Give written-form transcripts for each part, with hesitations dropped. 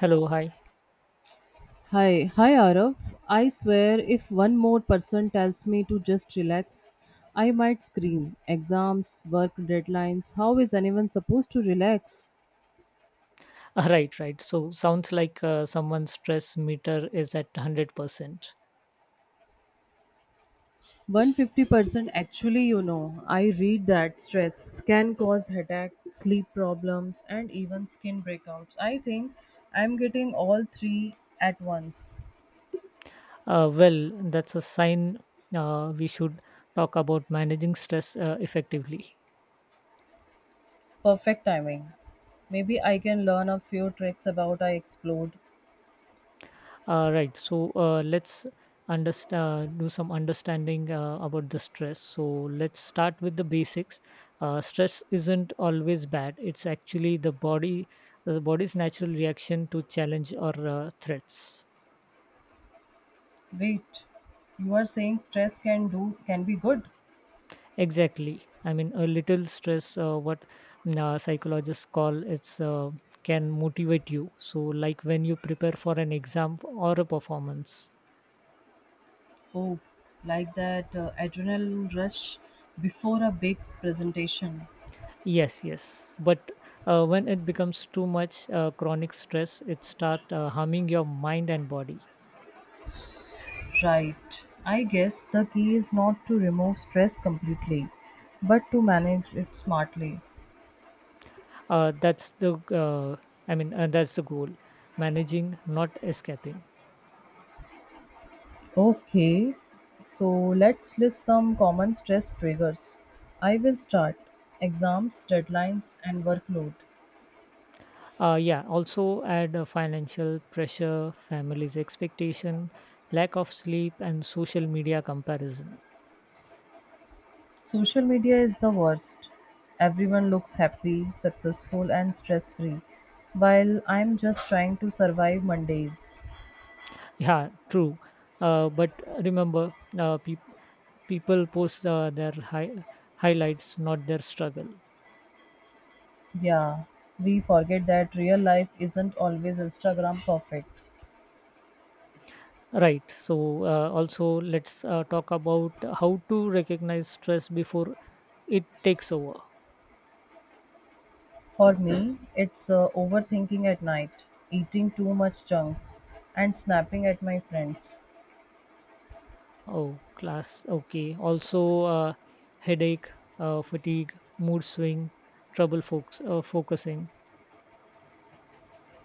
Hello, hi. Hi, hi Arav. I swear if one more person tells me to just relax, I might scream. Exams, work deadlines, how is anyone supposed to relax? Ah, right, right. So sounds like someone's stress meter is at 100%. 150% actually, I read that stress can cause headache, sleep problems, and even skin breakouts. I think I'm getting all three at once. Well, that's a sign we should talk about managing stress effectively. Perfect timing. Maybe I can learn a few tricks about I explode. Right. So let's do some understanding about the stress. So let's start with the basics. Stress isn't always bad. It's actually the body's natural reaction to challenge or threats. Wait, you are saying stress can be good? Exactly. I mean, a little stress, what psychologists call it's can motivate you. So, like when you prepare for an exam or a performance. Oh, like that adrenaline rush before a big presentation. Yes, yes. But when it becomes too much chronic stress, it start harming your mind and body. Right. I guess the key is not to remove stress completely, but to manage it smartly. That's the I mean, that's the goal. Managing, not escaping. Okay. So let's list some common stress triggers. I will start. Exams, deadlines and workload. Yeah, also add financial pressure, family's expectation, lack of sleep, and social media comparison. Social media is the worst. Everyone looks happy, successful, and stress free, while I'm just trying to survive Mondays. Yeah, true. But remember, uh, peop people post their highlights, not their struggle. Yeah, we forget that real life isn't always Instagram perfect. Right. So, also, let's talk about how to recognize stress before it takes over. For me, it's overthinking at night, eating too much junk, and snapping at my friends. Oh, class. Okay. Also, headache, fatigue, mood swing, focusing.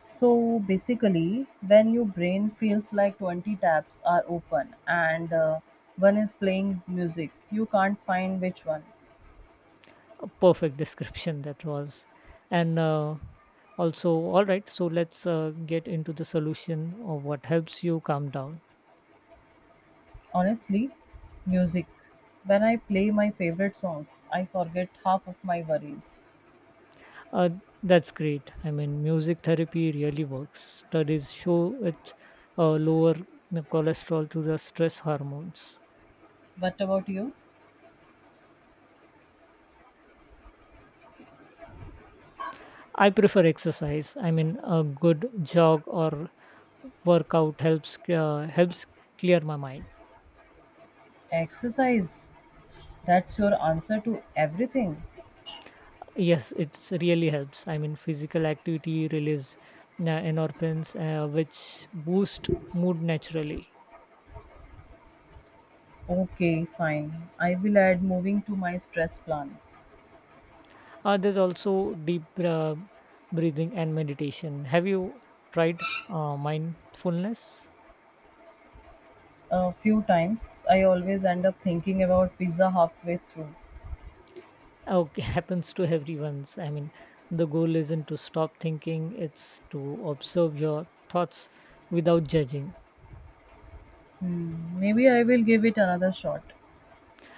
So basically, when your brain feels like 20 tabs are open and one is playing music, you can't find which one. A perfect description that was. And also, all right, so let's get into the solution of what helps you calm down. Honestly, music. When I play my favorite songs, I forget half of my worries. Uh, that's great. I mean, music therapy really works. Studies show it lower the cholesterol through the stress hormones. What about you? I prefer exercise. I mean, a good jog or workout helps clear my mind. Exercise. That's your answer to everything. Yes, it really helps. I mean, physical activity release endorphins, which boost mood naturally. Okay, fine. I will add moving to my stress plan. There's also deep breathing and meditation. Have you tried mindfulness? A few times, I always end up thinking about pizza halfway through. Okay, happens to everyone's. I mean, the goal isn't to stop thinking; it's to observe your thoughts without judging. Hmm, maybe I will give it another shot.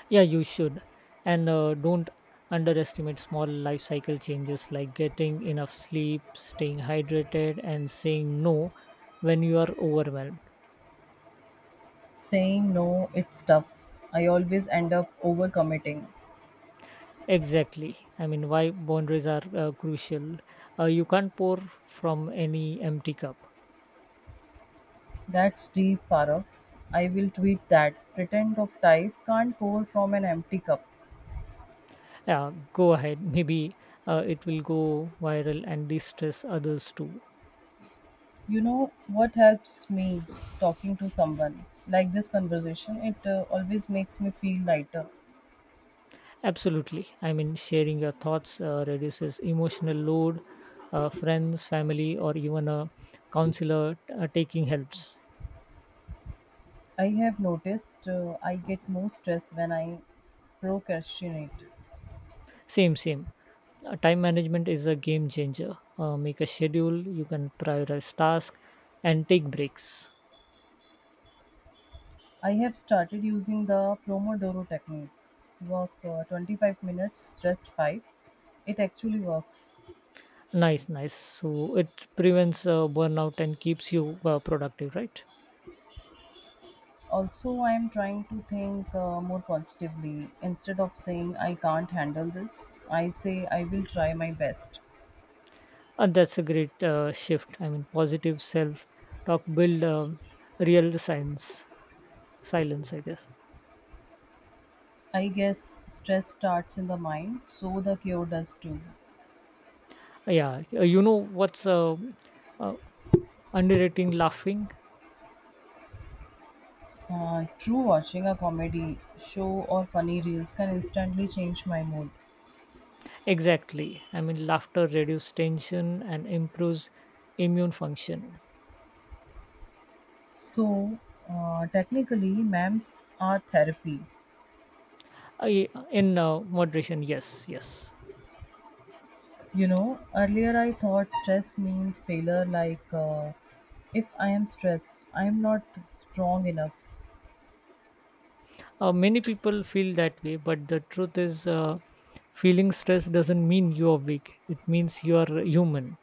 Yeah, you should. And don't underestimate small life cycle changes like getting enough sleep, staying hydrated, and saying no when you are overwhelmed. Saying no, it's tough. I always end up overcommitting. Exactly. I mean, why boundaries are crucial. You can't pour from any empty cup. That's deep, Parag. I will tweet that. Pretend of type can't pour from an empty cup. Yeah, go ahead. Maybe it will go viral and distress others too. You know what helps me talking to someone like this conversation? It always makes me feel lighter. Absolutely. I mean, sharing your thoughts reduces emotional load. Friends, family, or even a counselor taking helps. I have noticed I get more stress when I procrastinate. Same, same. Time management is a game changer. Make a schedule, you can prioritize tasks and take breaks. I have started using the Pomodoro technique. Work 25 minutes, rest 5. It actually works. Nice, nice. So it prevents burnout and keeps you productive, right? Also, I'm trying to think more positively. Instead of saying I can't handle this, I say I will try my best. And that's a great shift. I mean, positive self talk build real silence, silence, I guess. I guess stress starts in the mind, so the cure does too. Yeah, you know what's uh, underrating? Laughing. True, watching a comedy show or funny reels can instantly change my mood. Exactly. I mean, laughter reduces tension and improves immune function. So, technically, MAMs are therapy. I, in moderation, yes, yes. Earlier I thought stress meant failure, like if I am stressed, I am not strong enough. Many people feel that way, but the truth is, feeling stress doesn't mean you are weak. It means you are human.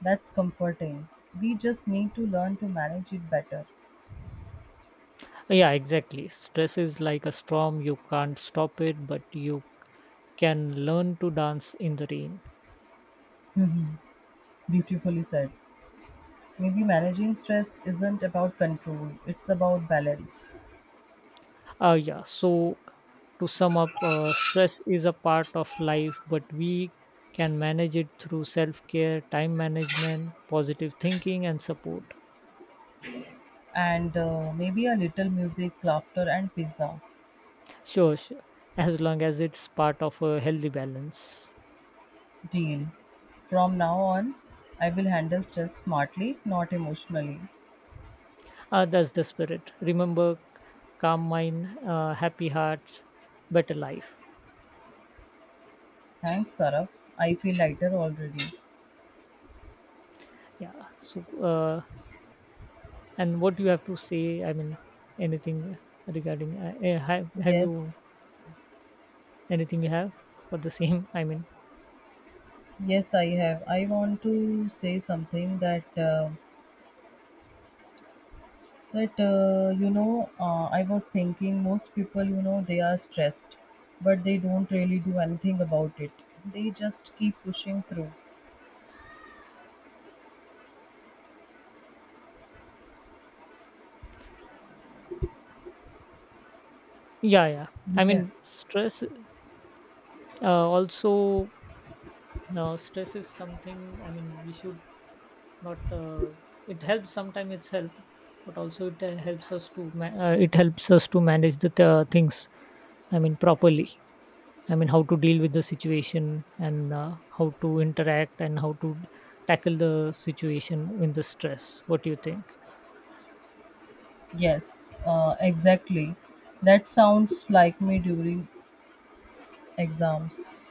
That's comforting. We just need to learn to manage it better. Yeah, exactly. Stress is like a storm, you can't stop it, but you can learn to dance in the rain. Mhm. Beautifully said. Maybe managing stress isn't about control, it's about balance. Yeah. So, to sum up, stress is a part of life, but we can manage it through self care, time management, positive thinking, and support. And maybe a little music, laughter, and pizza. Sure, sure. As long as it's part of a healthy balance. Deal. From now on, I will handle stress smartly, not emotionally. That's the spirit. Remember, calm mind, happy heart, better life. Thanks, Saraf. I feel lighter already. Yeah. So, and what do you have to say? I mean, anything regarding? Have you Yes, anything you have for the same? I mean, yes, I have. I want to say something. That uh, But uh, you know uh, I was thinking most people they are stressed, but they don't really do anything about it. They just keep pushing through. yeah, yeah. You I can mean, uh, also stress is something. I mean, we should not, it helps sometimes, it's help, but also it helps us to manage the things, I mean, properly. I mean, how to deal with the situation and how to interact and how to tackle the situation in the stress. What do you think? Yes, exactly, that sounds like me during exams.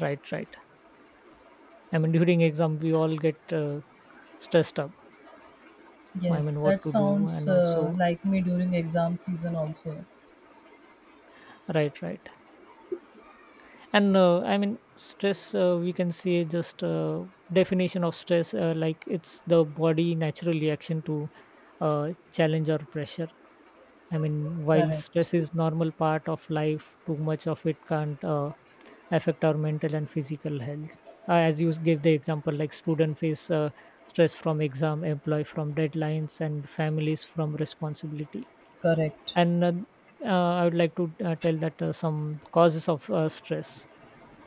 Right, right. I mean, during exam we all get stressed up. I Yes, mean, what that to do. sounds And also, like me during exam season also. right, right. And I mean, stress, we can say, just definition of stress, like it's the body natural reaction to uh, challenge or pressure. I mean, while Correct, stress is normal part of life, too much of it can't affect our mental and physical health. As you gave the example, like student face stress from exam, employee from deadlines, and families from responsibility. correct. And I would like to tell that some causes of stress.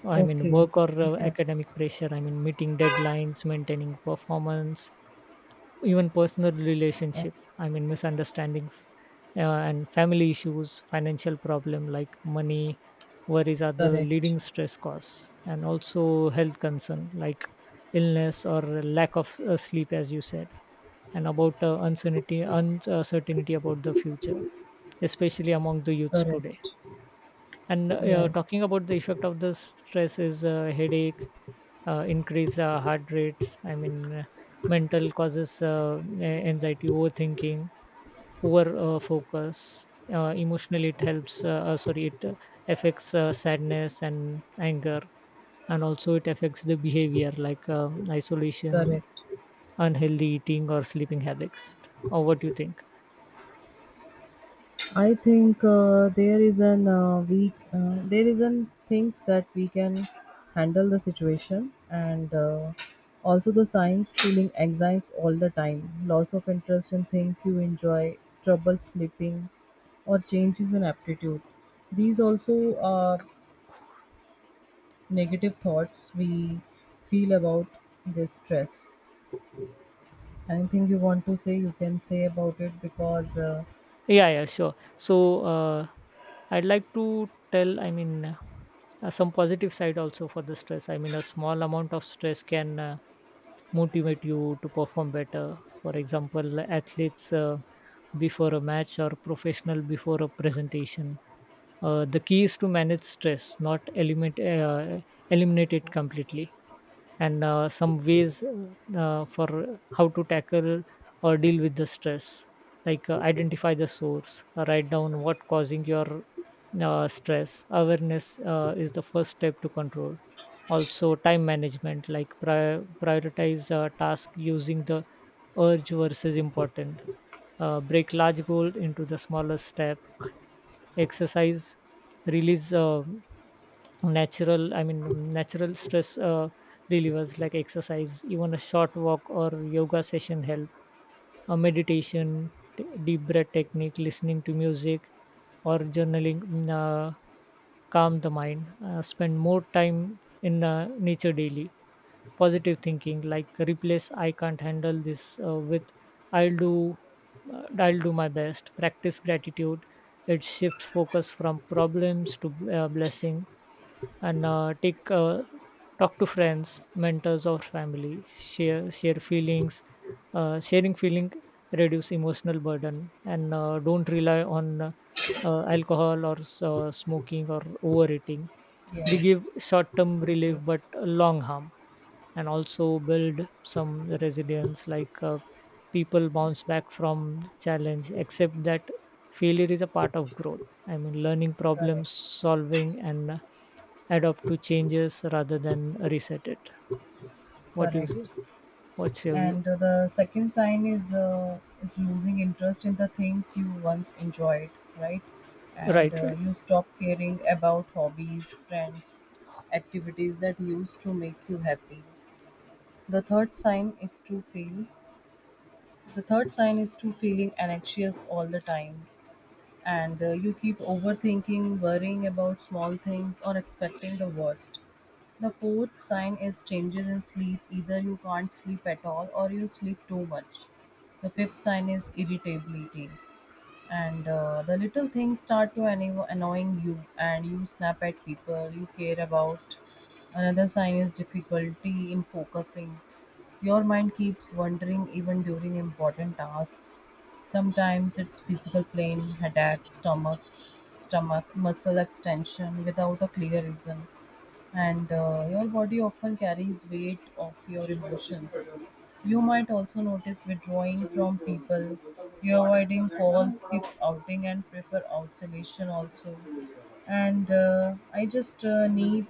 I mean, Okay, work or okay. academic pressure, I mean meeting deadlines, maintaining performance, even personal Uh, relationship, I mean misunderstanding and family issues, financial problem, like money worries are the Correct, leading stress cause, and also health concern like illness or lack of sleep, as you said. And about uncertainty about the future, especially among the youths today. correct. And Yes, talking about the effect of the stress is headache, increase heart rates. I mean, mental causes anxiety, overthinking, poor focus. Emotionally, it helps. Sorry, it affects sadness and anger, and also it affects the behavior like isolation, correct. unhealthy eating, or sleeping habits. Or what do you think? I think there is an we there is an things that we can handle the situation, and also the signs: feeling anxiety all the time, loss of interest in things you enjoy, trouble sleeping, or changes in aptitude. These also are negative thoughts we feel about this stress. Anything you want to say, you can say about it, because Yeah, yeah, sure. So I'd like to tell, I mean, Some positive side also for the stress. I mean, a small amount of stress can motivate you to perform better. For example, athletes before a match, or professional before a presentation. The key is to manage stress, not eliminate it completely. And some ways, for how to tackle or deal with the stress, like identify the source, write down what causing your stress. Awareness is the first step to control. Also, time management, like prioritize task using the urge versus important. Break large goal into the smaller step. Exercise release natural, I mean natural stress relievers, like exercise, even a short walk or yoga session help a meditation, deep breath technique, listening to music, or journaling. Calm the mind. Spend more time in nature daily. Positive thinking, like replace I can't handle this with i'll do I'll do my best. Practice gratitude. It shifts focus from problems to blessing. And take talk to friends, mentors, or family. Share feelings. Sharing feeling reduce emotional burden. And don't rely on alcohol or smoking or overeating. They give yes, short term relief, okay, but long harm. And also build some resilience, like people bounce back from the challenge except that failure is a part of growth. I mean, learning, problem correct, solving, and adapt to changes rather than reset it. What do you say? correct. What's your view? And the second sign is is losing interest in the things you once enjoyed, right. and Right, uh, right, you stop caring about hobbies, friends, activities that used to make you happy. The third sign is to feel the third sign is to feeling anxious all the time, and you keep overthinking, worrying about small things, or expecting the worst. The fourth sign is changes in sleep. Either you can't sleep at all or you sleep too much. The fifth sign is irritability, and the little things start to annoying you, and you snap at people you care about. Another sign is difficulty in focusing. Your mind keeps wandering even during important tasks. Sometimes it's physical pain, headache, stomach muscle extension, without a clear reason. And your body often carries weight of your emotions. You might also notice withdrawing from people, you avoiding calls, skip outing, and prefer isolation also. And I just need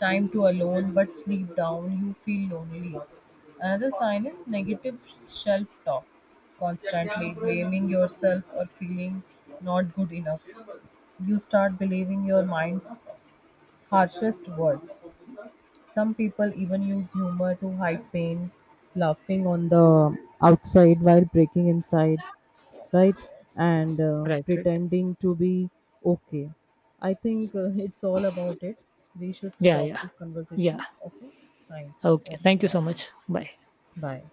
time to alone, but sleep down you feel lonely. Another sign is negative self talk, constantly blaming yourself or feeling not good enough. You start believing your mind's harshest words. Some people even use humor to hide pain, laughing on the outside while breaking inside, right? And right, right. pretending to be okay. I think it's all about it. We should Yeah, stop yeah, this yeah. conversation. Okay. Thank you. Okay, Oh, thank you so bye. much. Bye. Bye.